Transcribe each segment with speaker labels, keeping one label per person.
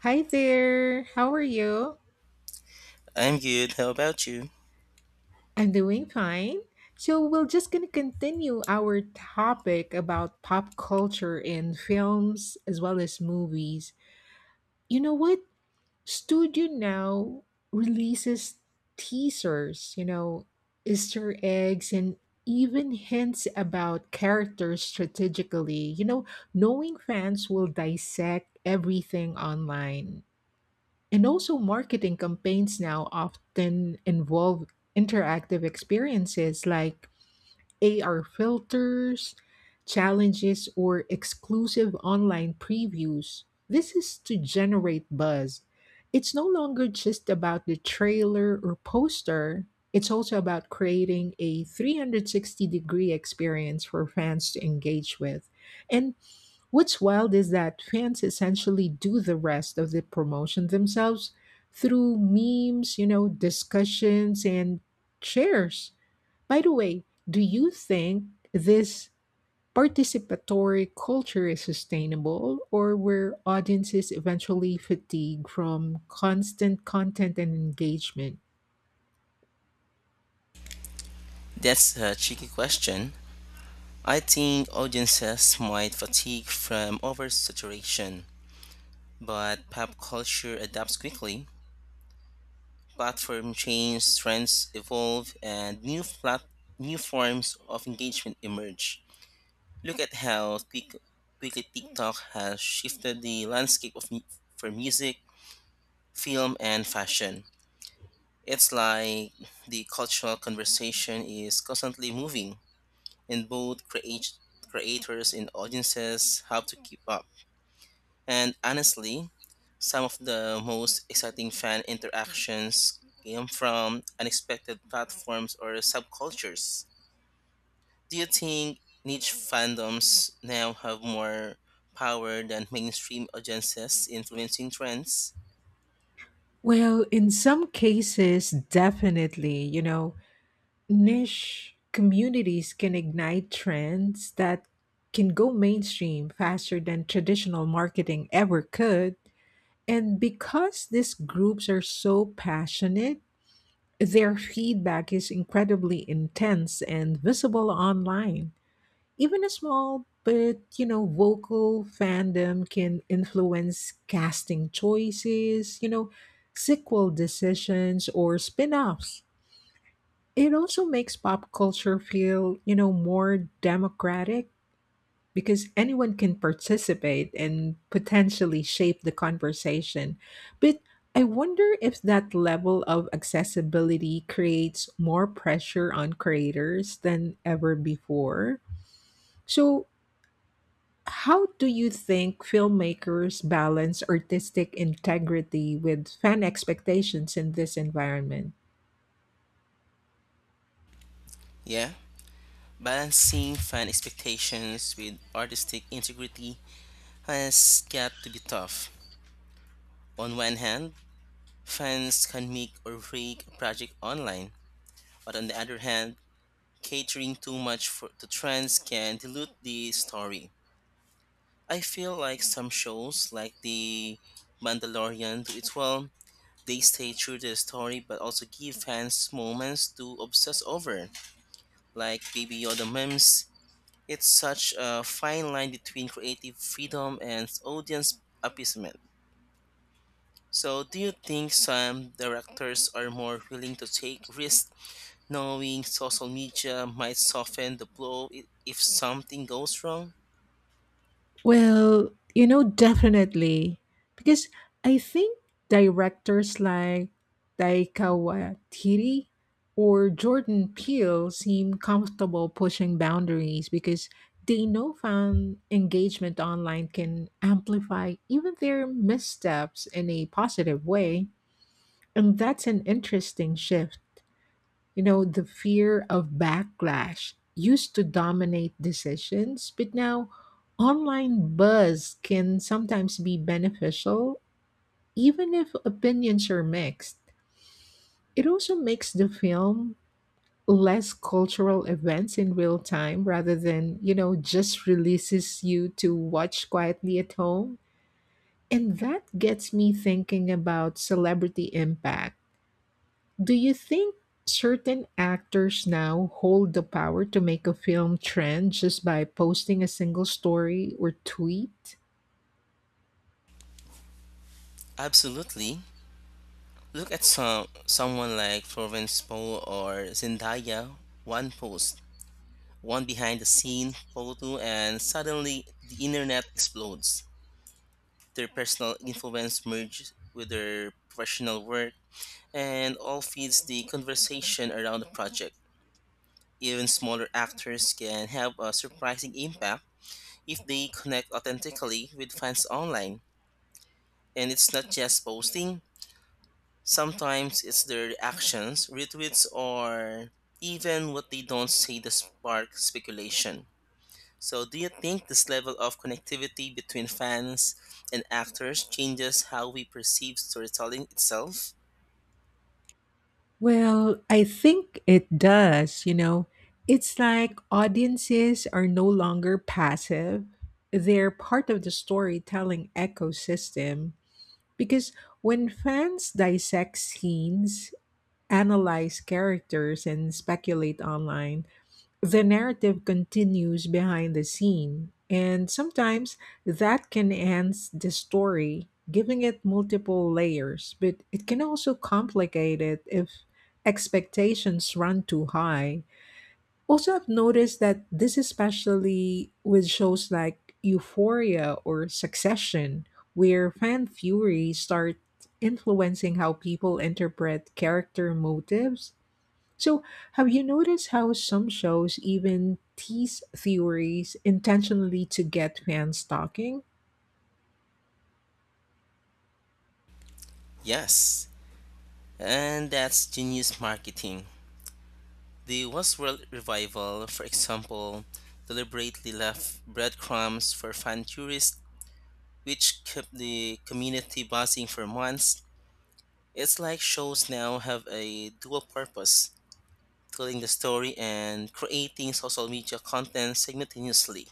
Speaker 1: Hi there. How are you?
Speaker 2: I'm good. How about you?
Speaker 1: I'm doing fine. So we're just going to continue our topic about pop culture and films as well as movies. You know what? Studio now releases teasers, Easter eggs, and even hints about characters strategically. Knowing fans will dissect everything online. And also, marketing campaigns now often involve interactive experiences like AR filters, challenges, or exclusive online previews. This is to generate buzz. It's no longer just about the trailer or poster, it's also about creating a 360-degree experience for fans to engage with. And what's wild is that fans essentially do the rest of the promotion themselves through memes, discussions, and shares. By the way, do you think this participatory culture is sustainable, or will audiences eventually fatigue from constant content and engagement?
Speaker 2: That's a tricky question. I think audiences might fatigue from oversaturation, but pop culture adapts quickly. Platform change, trends evolve, and new forms of engagement emerge. Look at how quickly TikTok has shifted the landscape of for music, film, and fashion. It's like the cultural conversation is constantly moving and both creators and audiences have to keep up. And honestly, some of the most exciting fan interactions came from unexpected platforms or subcultures. Do you think niche fandoms now have more power than mainstream audiences influencing trends?
Speaker 1: Well, in some cases, definitely, niche communities can ignite trends that can go mainstream faster than traditional marketing ever could. And because these groups are so passionate, their feedback is incredibly intense and visible online. Even a small but vocal fandom can influence casting choices, sequel decisions, or spin-offs. It also makes pop culture feel, more democratic because anyone can participate and potentially shape the conversation. But I wonder if that level of accessibility creates more pressure on creators than ever before. So, how do you think filmmakers balance artistic integrity with fan expectations in this environment?
Speaker 2: Yeah, balancing fan expectations with artistic integrity has got to be tough. On one hand, fans can make or break a project online, but on the other hand, catering too to trends can dilute the story. I feel like some shows, like The Mandalorian, do it well. They stay true to the story but also give fans moments to obsess over, like Baby Yoda memes. It's such a fine line between creative freedom and audience appeasement. So, do you think some directors are more willing to take risks knowing social media might soften the blow if something goes wrong?
Speaker 1: Well, definitely. Because I think directors like Taika Waititi or Jordan Peele seem comfortable pushing boundaries because they know fan engagement online can amplify even their missteps in a positive way. And that's an interesting shift. You know, the fear of backlash used to dominate decisions, but now online buzz can sometimes be beneficial, even if opinions are mixed. It also makes the film less cultural events in real time rather than, just releases you to watch quietly at home. And that gets me thinking about celebrity impact. Do you think certain actors now hold the power to make a film trend just by posting a single story or tweet?
Speaker 2: Absolutely. Look at someone like Florence Poe or Zendaya. One post, one behind the scene photo, and suddenly the internet explodes. Their personal influence merges with their professional work, and all feeds the conversation around the project. Even smaller actors can have a surprising impact if they connect authentically with fans online. And it's not just posting, sometimes it's their actions, retweets, or even what they don't say that spark speculation. So, do you think this level of connectivity between fans and actors changes how we perceive storytelling itself?
Speaker 1: Well, I think it does, you know. It's like audiences are no longer passive. They're part of the storytelling ecosystem because when fans dissect scenes, analyze characters, and speculate online, the narrative continues behind the scene, and sometimes that can enhance the story, giving it multiple layers, but it can also complicate it if expectations run too high. Also, I've noticed that this, especially with shows like Euphoria or Succession, where fan fury start influencing how people interpret character motives. So, have you noticed how some shows even tease theories intentionally to get fans talking?
Speaker 2: Yes. And that's genius marketing. The Westworld revival, for example, deliberately left breadcrumbs for fan tourists, which kept the community buzzing for months. It's like shows now have a dual purpose telling the story and creating social media content simultaneously.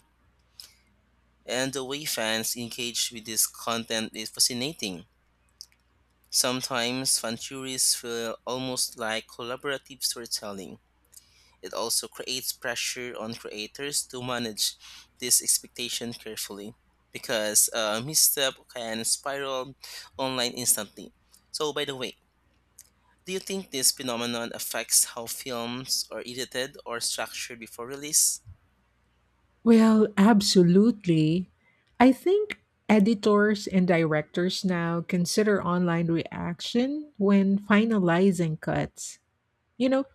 Speaker 2: And the way fans engage with this content is fascinating. Sometimes fan tourists feel almost like collaborative storytelling. It also creates pressure on creators to manage this expectation carefully because a misstep can spiral online instantly. So, by the way, do you think this phenomenon affects how films are edited or structured before release?
Speaker 1: Well, absolutely. I think editors and directors now consider online reaction when finalizing cuts. You know,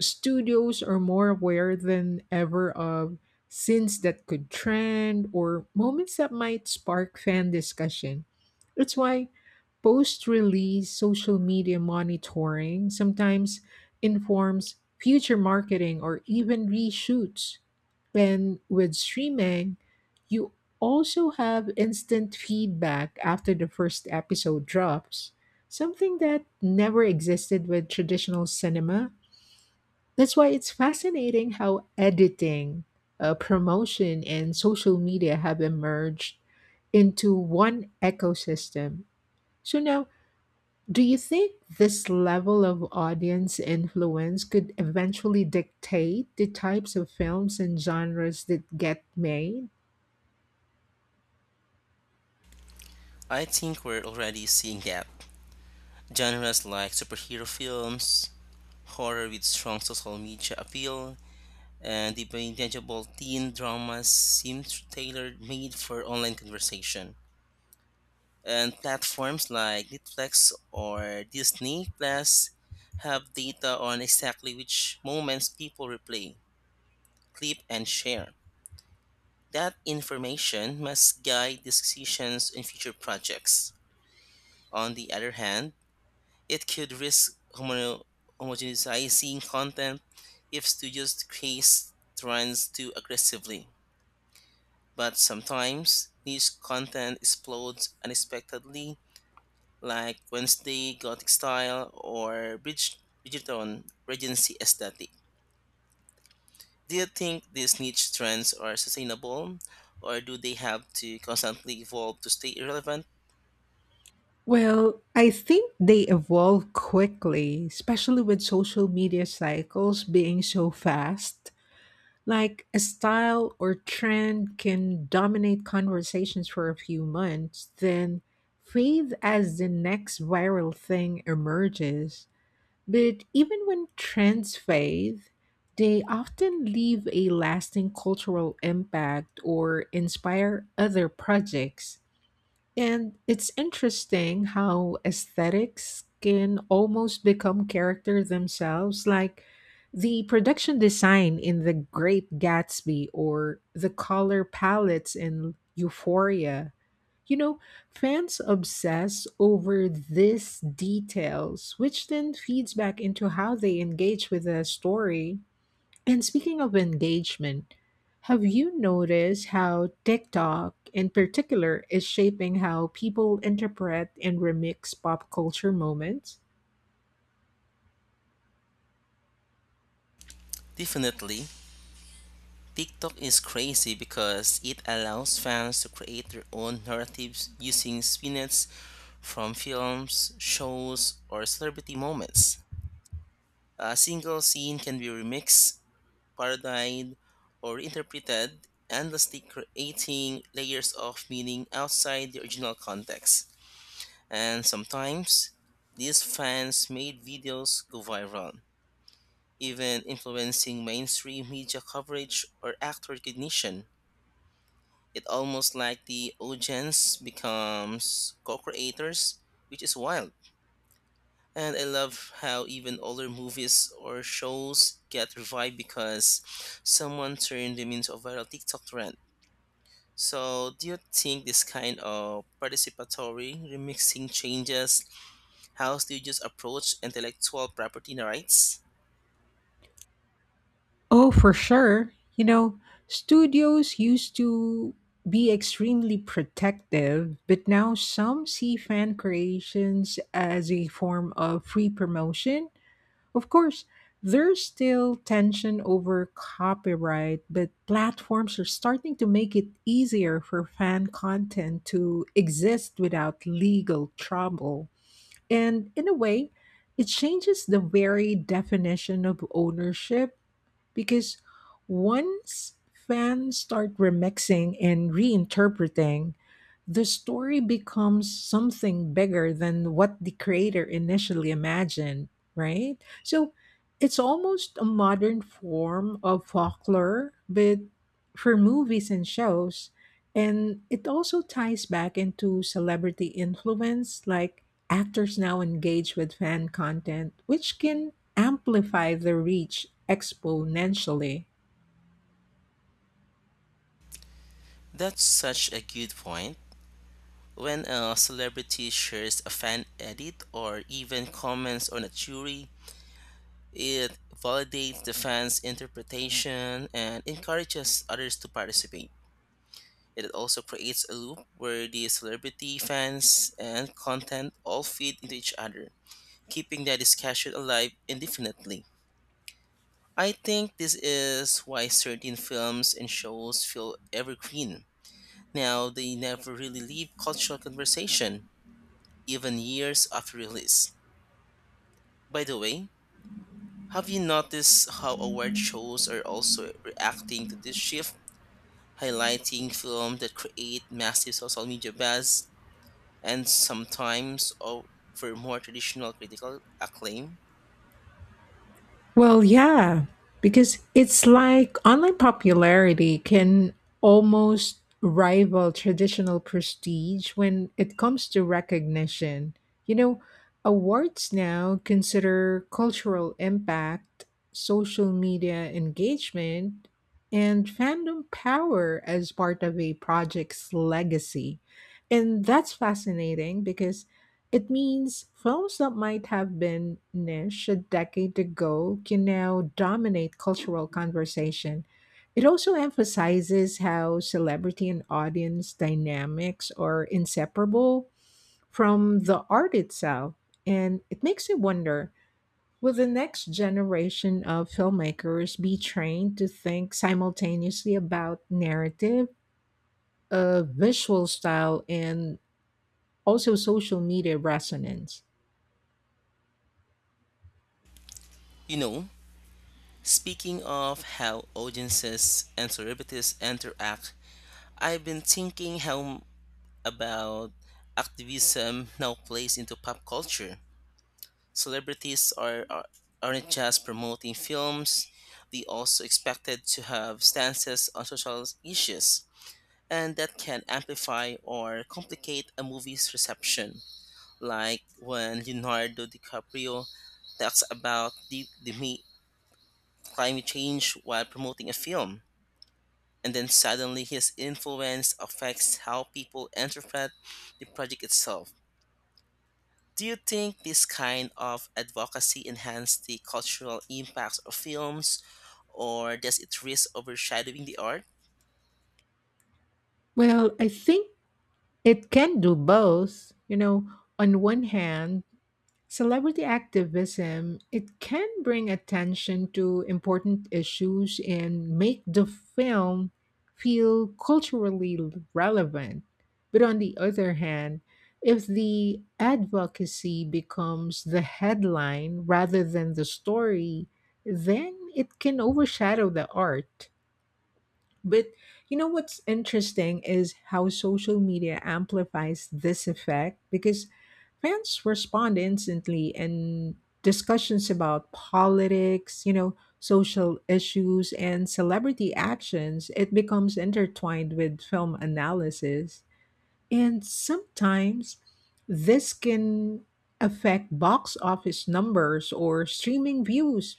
Speaker 1: studios are more aware than ever of scenes that could trend or moments that might spark fan discussion. That's why post release social media monitoring sometimes informs future marketing or even reshoots. And with streaming, you also have instant feedback after the first episode drops, something that never existed with traditional cinema. That's why it's fascinating how editing, promotion, and social media have emerged into one ecosystem. So, now, do you think this level of audience influence could eventually dictate the types of films and genres that get made?
Speaker 2: I think we're already seeing that. Genres like superhero films, horror with strong social media appeal, and bingeable teen dramas seem tailored made for online conversation. And platforms like Netflix or Disney Plus have data on exactly which moments people replay, clip, and share. That information must guide decisions in future projects. On the other hand, it could risk homogenizing content if studios chase trends too aggressively. But sometimes niche content explodes unexpectedly, like Wednesday Gothic style or Bridgerton Regency aesthetic. Do you think these niche trends are sustainable, or do they have to constantly evolve to stay relevant?
Speaker 1: Well, I think they evolve quickly, especially with social media cycles being so fast. Like a style or trend can dominate conversations for a few months, then fade as the next viral thing emerges. But even when trends fade, they often leave a lasting cultural impact or inspire other projects. And it's interesting how aesthetics can almost become character themselves, like the production design in The Great Gatsby or the color palettes in Euphoria. You know, fans obsess over these details, which then feeds back into how they engage with the story. And speaking of engagement, have you noticed how TikTok in particular is shaping how people interpret and remix pop culture moments?
Speaker 2: Definitely, TikTok is crazy because it allows fans to create their own narratives using snippets from films, shows, or celebrity moments. A single scene can be remixed, parodied, or interpreted, endlessly creating layers of meaning outside the original context. And sometimes, these fans made videos go viral, even influencing mainstream media coverage or actor recognition. It almost like the audience becomes co-creators, which is wild. And I love how even older movies or shows get revived because someone turned them into a viral TikTok trend. So, do you think this kind of participatory remixing changes how studios approach intellectual property rights?
Speaker 1: Oh, for sure. You know, studios used to be extremely protective, but now some see fan creations as a form of free promotion. Of course, there's still tension over copyright, but platforms are starting to make it easier for fan content to exist without legal trouble. And in a way, it changes the very definition of ownership because once fans start remixing and reinterpreting, the story becomes something bigger than what the creator initially imagined, right? So it's almost a modern form of folklore, but for movies and shows. And it also ties back into celebrity influence, like actors now engage with fan content, which can amplify the reach exponentially.
Speaker 2: That's such a good point. When a celebrity shares a fan edit or even comments on a jury, it validates the fans' interpretation and encourages others to participate. It also creates a loop where the celebrity, fans, and content all feed into each other, keeping the discussion alive indefinitely. I think this is why certain films and shows feel evergreen. Now, they never really leave cultural conversation, even years after release. By the way, have you noticed how award shows are also reacting to this shift, highlighting films that create massive social media buzz and sometimes over more traditional critical acclaim?
Speaker 1: Well, yeah, because it's like online popularity can almost rival traditional prestige when it comes to recognition. You know, awards now consider cultural impact, social media engagement, and fandom power as part of a project's legacy. And that's fascinating because it means films that might have been niche a decade ago can now dominate cultural conversation. It also emphasizes how celebrity and audience dynamics are inseparable from the art itself. And it makes me wonder, will the next generation of filmmakers be trained to think simultaneously about narrative, visual style, and also social media resonance?
Speaker 2: You know, speaking of how audiences and celebrities interact, I've been thinking how about activism now plays into pop culture. Celebrities aren't just promoting films; they also expected to have stances on social issues and that can amplify or complicate a movie's reception, like when Leonardo DiCaprio talks about climate change while promoting a film, and then suddenly his influence affects how people interpret the project itself. Do you think this kind of advocacy enhances the cultural impacts of films, or does it risk overshadowing the art?
Speaker 1: Well, I think it can do both. You know, on one hand, celebrity activism, it can bring attention to important issues and make the film feel culturally relevant. But on the other hand, if the advocacy becomes the headline rather than the story, then it can overshadow the art. But what's interesting is how social media amplifies this effect because fans respond instantly and discussions about politics, social issues, and celebrity actions, it becomes intertwined with film analysis. And sometimes this can affect box office numbers or streaming views,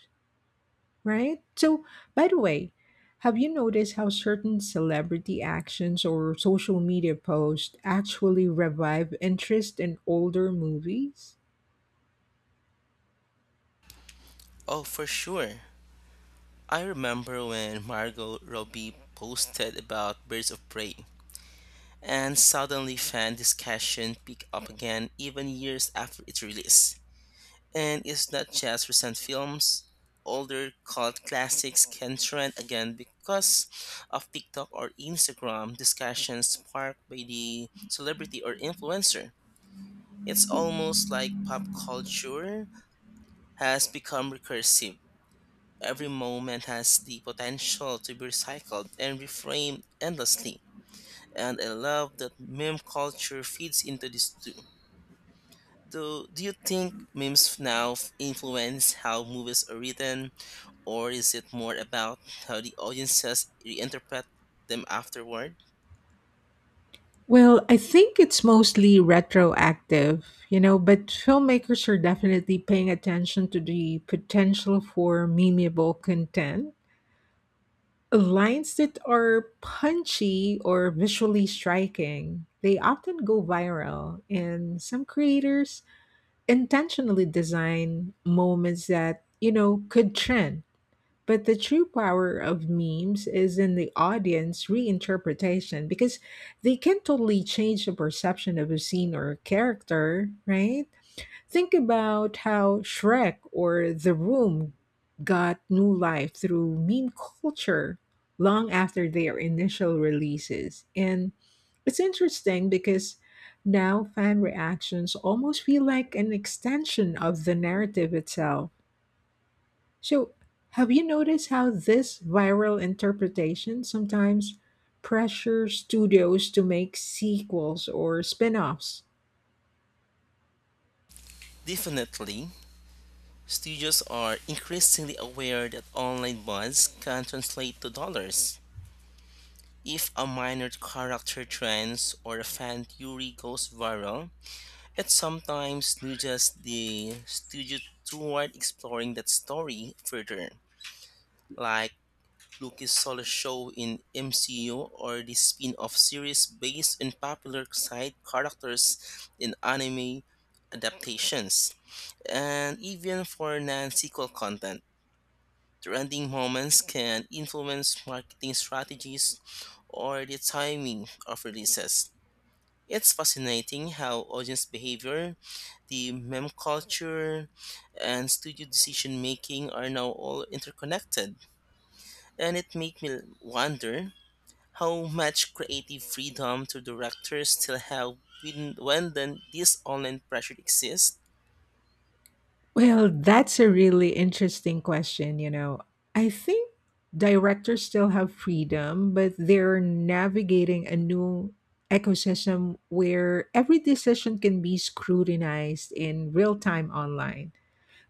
Speaker 1: right? So, by the way, have you noticed how certain celebrity actions or social media posts actually revive interest in older movies?
Speaker 2: Oh, for sure. I remember when Margot Robbie posted about Birds of Prey, and suddenly fan discussion picked up again even years after its release. And it's not just recent films, older cult classics can trend again because of TikTok or Instagram discussions sparked by the celebrity or influencer. It's almost like pop culture has become recursive. Every moment has the potential to be recycled and reframed endlessly. And I love that meme culture feeds into this too. Do you think memes now influence how movies are written, or is it more about how the audiences reinterpret them afterward?
Speaker 1: Well, I think it's mostly retroactive, you know, but filmmakers are definitely paying attention to the potential for memeable content. Lines that are punchy or visually striking, they often go viral, and some creators intentionally design moments that, could trend. But the true power of memes is in the audience reinterpretation because they can totally change the perception of a scene or a character, right? Think about how Shrek or The Room got new life through meme culture long after their initial releases. And it's interesting because now fan reactions almost feel like an extension of the narrative itself. So, have you noticed how this viral interpretation sometimes pressures studios to make sequels or spin offs?
Speaker 2: Definitely, studios are increasingly aware that online bonds can translate to dollars. If a minor character trends or a fan theory goes viral, it sometimes nudges the studio toward exploring that story further, like Lucas Solo show in MCU or the spin-off series based on popular side characters in anime adaptations, and even for non-sequel content. Trending moments can influence marketing strategies or the timing of releases. It's fascinating how audience behavior, the meme culture, and studio decision making are now all interconnected. And it made me wonder how much creative freedom do directors still have when then this online pressure exists?
Speaker 1: Well, that's a really interesting question, you know. I think directors still have freedom, but they're navigating a new ecosystem where every decision can be scrutinized in real time online.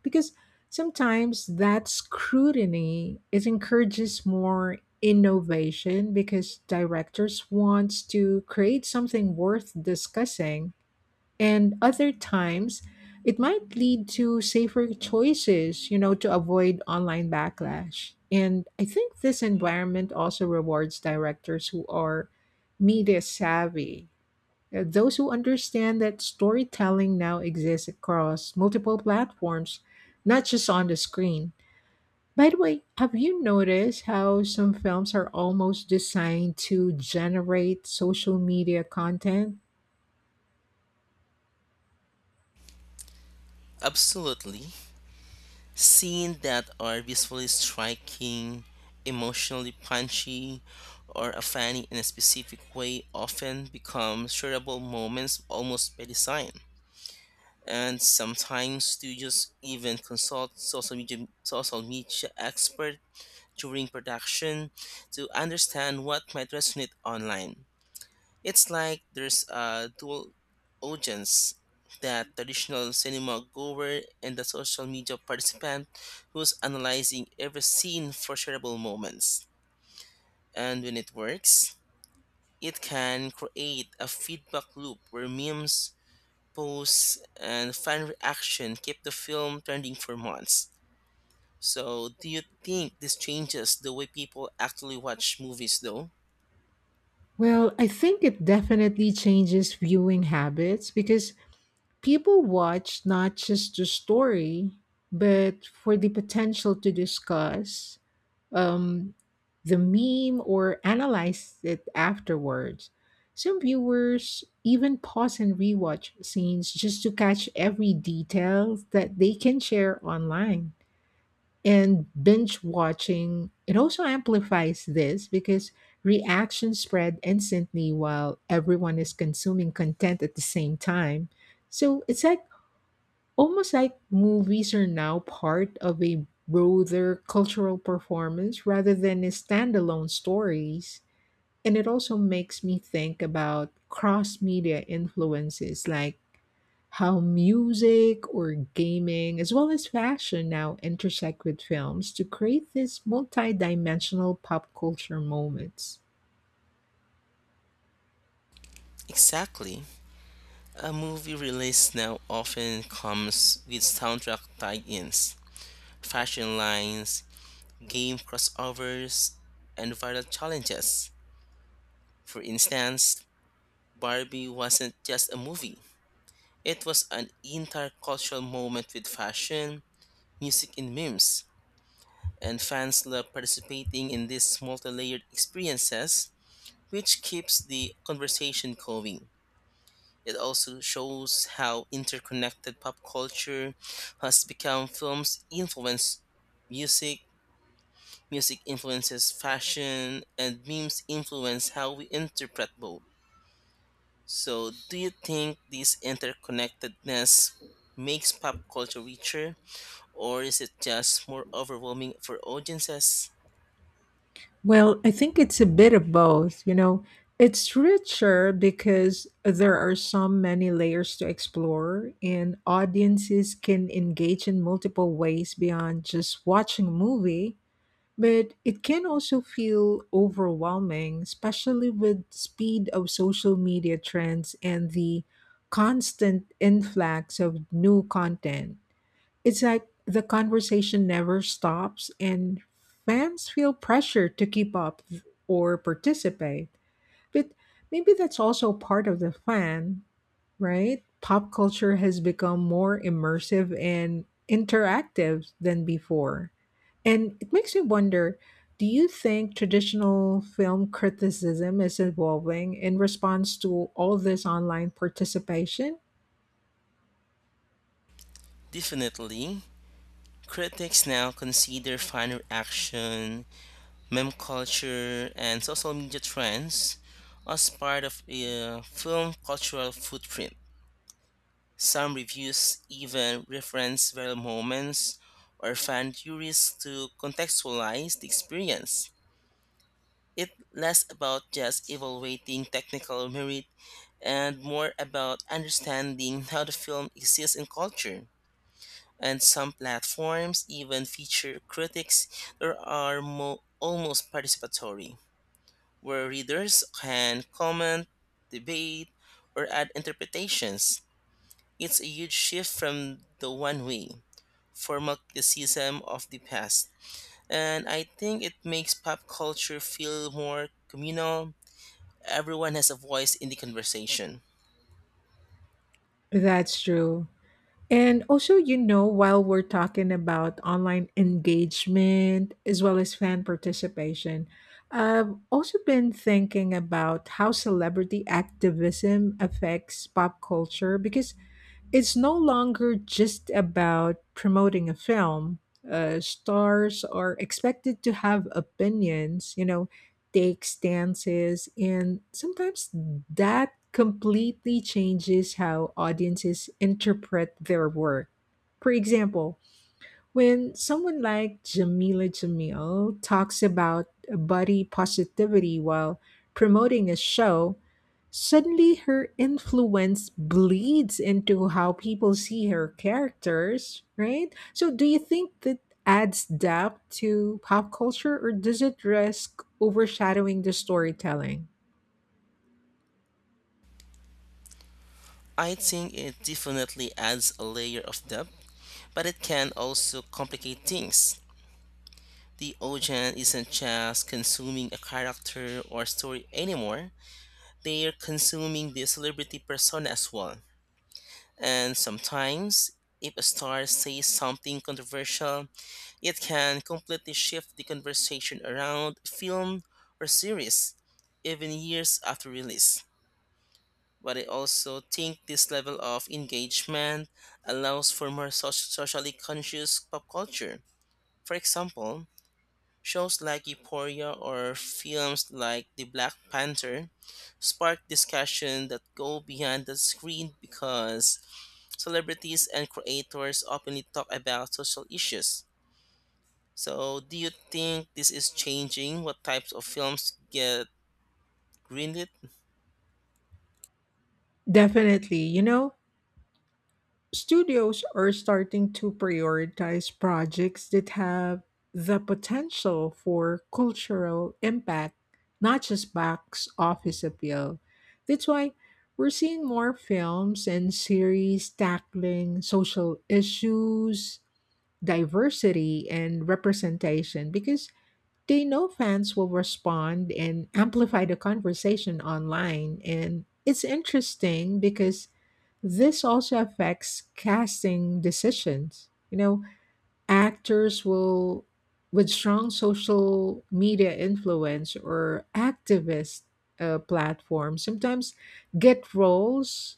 Speaker 1: Because sometimes that scrutiny it encourages more innovation because directors wants to create something worth discussing, and other times it might lead to safer choices, to avoid online backlash. And I think this environment also rewards directors who are media savvy. Those who understand that storytelling now exists across multiple platforms, not just on the screen. By the way, have you noticed how some films are almost designed to generate social media content?
Speaker 2: Absolutely. Scenes that are visually striking, emotionally punchy, or a funny in a specific way often become shareable moments almost by design. And sometimes studios even consult social media experts during production to understand what might resonate online. It's like there's a dual audience that traditional cinema goer and the social media participant who's analyzing every scene for shareable moments. And when it works, it can create a feedback loop where memes, posts, and fan reaction keep the film trending for months. So, do you think this changes the way people actually watch movies though?
Speaker 1: Well, I think it definitely changes viewing habits because people watch not just the story, but for the potential to discuss, um, the meme or analyze it afterwards. Some viewers even pause and rewatch scenes just to catch every detail that they can share online. And binge watching, it also amplifies this because reactions spread instantly while everyone is consuming content at the same time. So it's like almost like movies are now part of a broader cultural performance rather than a standalone stories. And it also makes me think about cross media influences, like how music or gaming, as well as fashion, now intersect with films to create these multi dimensional pop culture moments.
Speaker 2: Exactly. A movie release now often comes with soundtrack tie-ins, fashion lines, game crossovers, and viral challenges. For instance, Barbie wasn't just a movie. It was an entire cultural moment with fashion, music, and memes, and fans love participating in these multi-layered experiences, which keeps the conversation going. It also shows how interconnected pop culture has become. Films influence music, music influences fashion, and memes influence how we interpret both. So, do you think this interconnectedness makes pop culture richer, or is it just more overwhelming for audiences?
Speaker 1: Well, I think it's a bit of both. You know, it's richer because there are so many layers to explore, and audiences can engage in multiple ways beyond just watching a movie. But it can also feel overwhelming, especially with speed of social media trends and the constant influx of new content. It's like the conversation never stops, and fans feel pressure to keep up or participate. But maybe that's also part of the fun, right? Pop culture has become more immersive and interactive than before. And it makes me wonder, do you think traditional film criticism is evolving in response to all this online participation?
Speaker 2: Definitely. Critics now consider finer action, meme culture, and social media trends as part of a film cultural footprint. Some reviews even reference viral moments or fan theories to contextualize the experience. It less about just evaluating technical merit and more about understanding how the film exists in culture. And some platforms even feature critics that are almost participatory, where readers can comment, debate, or add interpretations. It's a huge shift from the one way, formal criticism of the past. And I think it makes pop culture feel more communal. Everyone has a voice in the conversation.
Speaker 1: That's true. And also, you know, while we're talking about online engagement as well as fan participation, I've also been thinking about how celebrity activism affects pop culture because it's no longer just about promoting a film. Stars are expected to have opinions, take stances, and sometimes that completely changes how audiences interpret their work. For example, when someone like Jamila Jamil talks about body positivity while promoting a show, suddenly her influence bleeds into how people see her characters, right? So, do you think that adds depth to pop culture or does it risk overshadowing the storytelling?
Speaker 2: I think it definitely adds a layer of depth, but it can also complicate things. The audience isn't just consuming a character or story anymore. They're consuming the celebrity persona as well. And sometimes, if a star says something controversial, it can completely shift the conversation around a film or series, even years after release. But I also think this level of engagement allows for more socially conscious pop culture. For example, shows like Euphoria or films like The Black Panther spark discussion that go beyond the screen because celebrities and creators openly talk about social issues. So, do you think this is changing what types of films get greenlit?
Speaker 1: Definitely. You know, studios are starting to prioritize projects that have the potential for cultural impact, not just box office appeal. That's why we're seeing more films and series tackling social issues, diversity, and representation because they know fans will respond and amplify the conversation online. And it's interesting because this also affects casting decisions. You know, actors will, with strong social media influence or activist platforms, sometimes get roles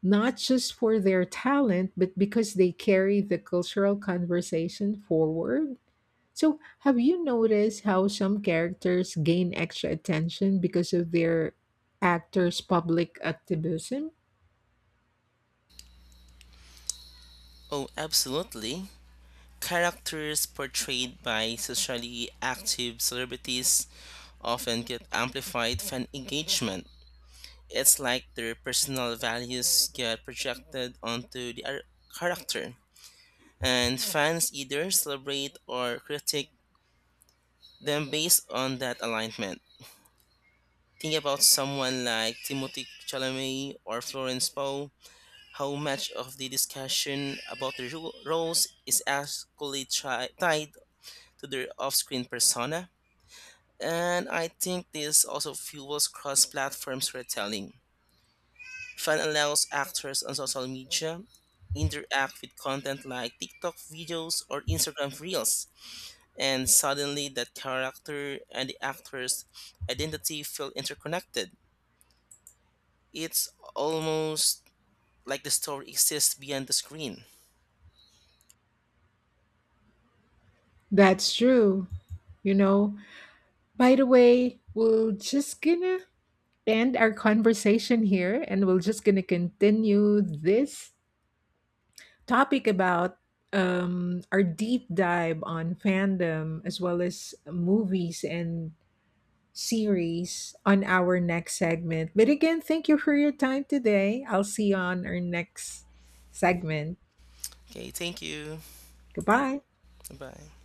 Speaker 1: not just for their talent, but because they carry the cultural conversation forward. So, have you noticed how some characters gain extra attention because of their actors' public activism?
Speaker 2: Oh, absolutely. Characters portrayed by socially active celebrities often get amplified fan engagement. It's like their personal values get projected onto the character, and fans either celebrate or critique them based on that alignment. Think about someone like Timothy Chalamet or Florence Pugh. How much of the discussion about their roles is actually tied to their off-screen persona? And I think this also fuels cross-platform storytelling. Fan allows actors on social media interact with content like TikTok videos or Instagram reels, and suddenly that character and the actor's identity feel interconnected. It's almost like the story exists beyond the screen.
Speaker 1: That's true. You know, by the way, we're just gonna end our conversation here and we're just gonna continue this topic about our deep dive on fandom as well as movies and series on our next segment. But again, thank you for your time today. I'll see you on our next segment.
Speaker 2: Okay, thank you.
Speaker 1: Goodbye.
Speaker 2: Bye.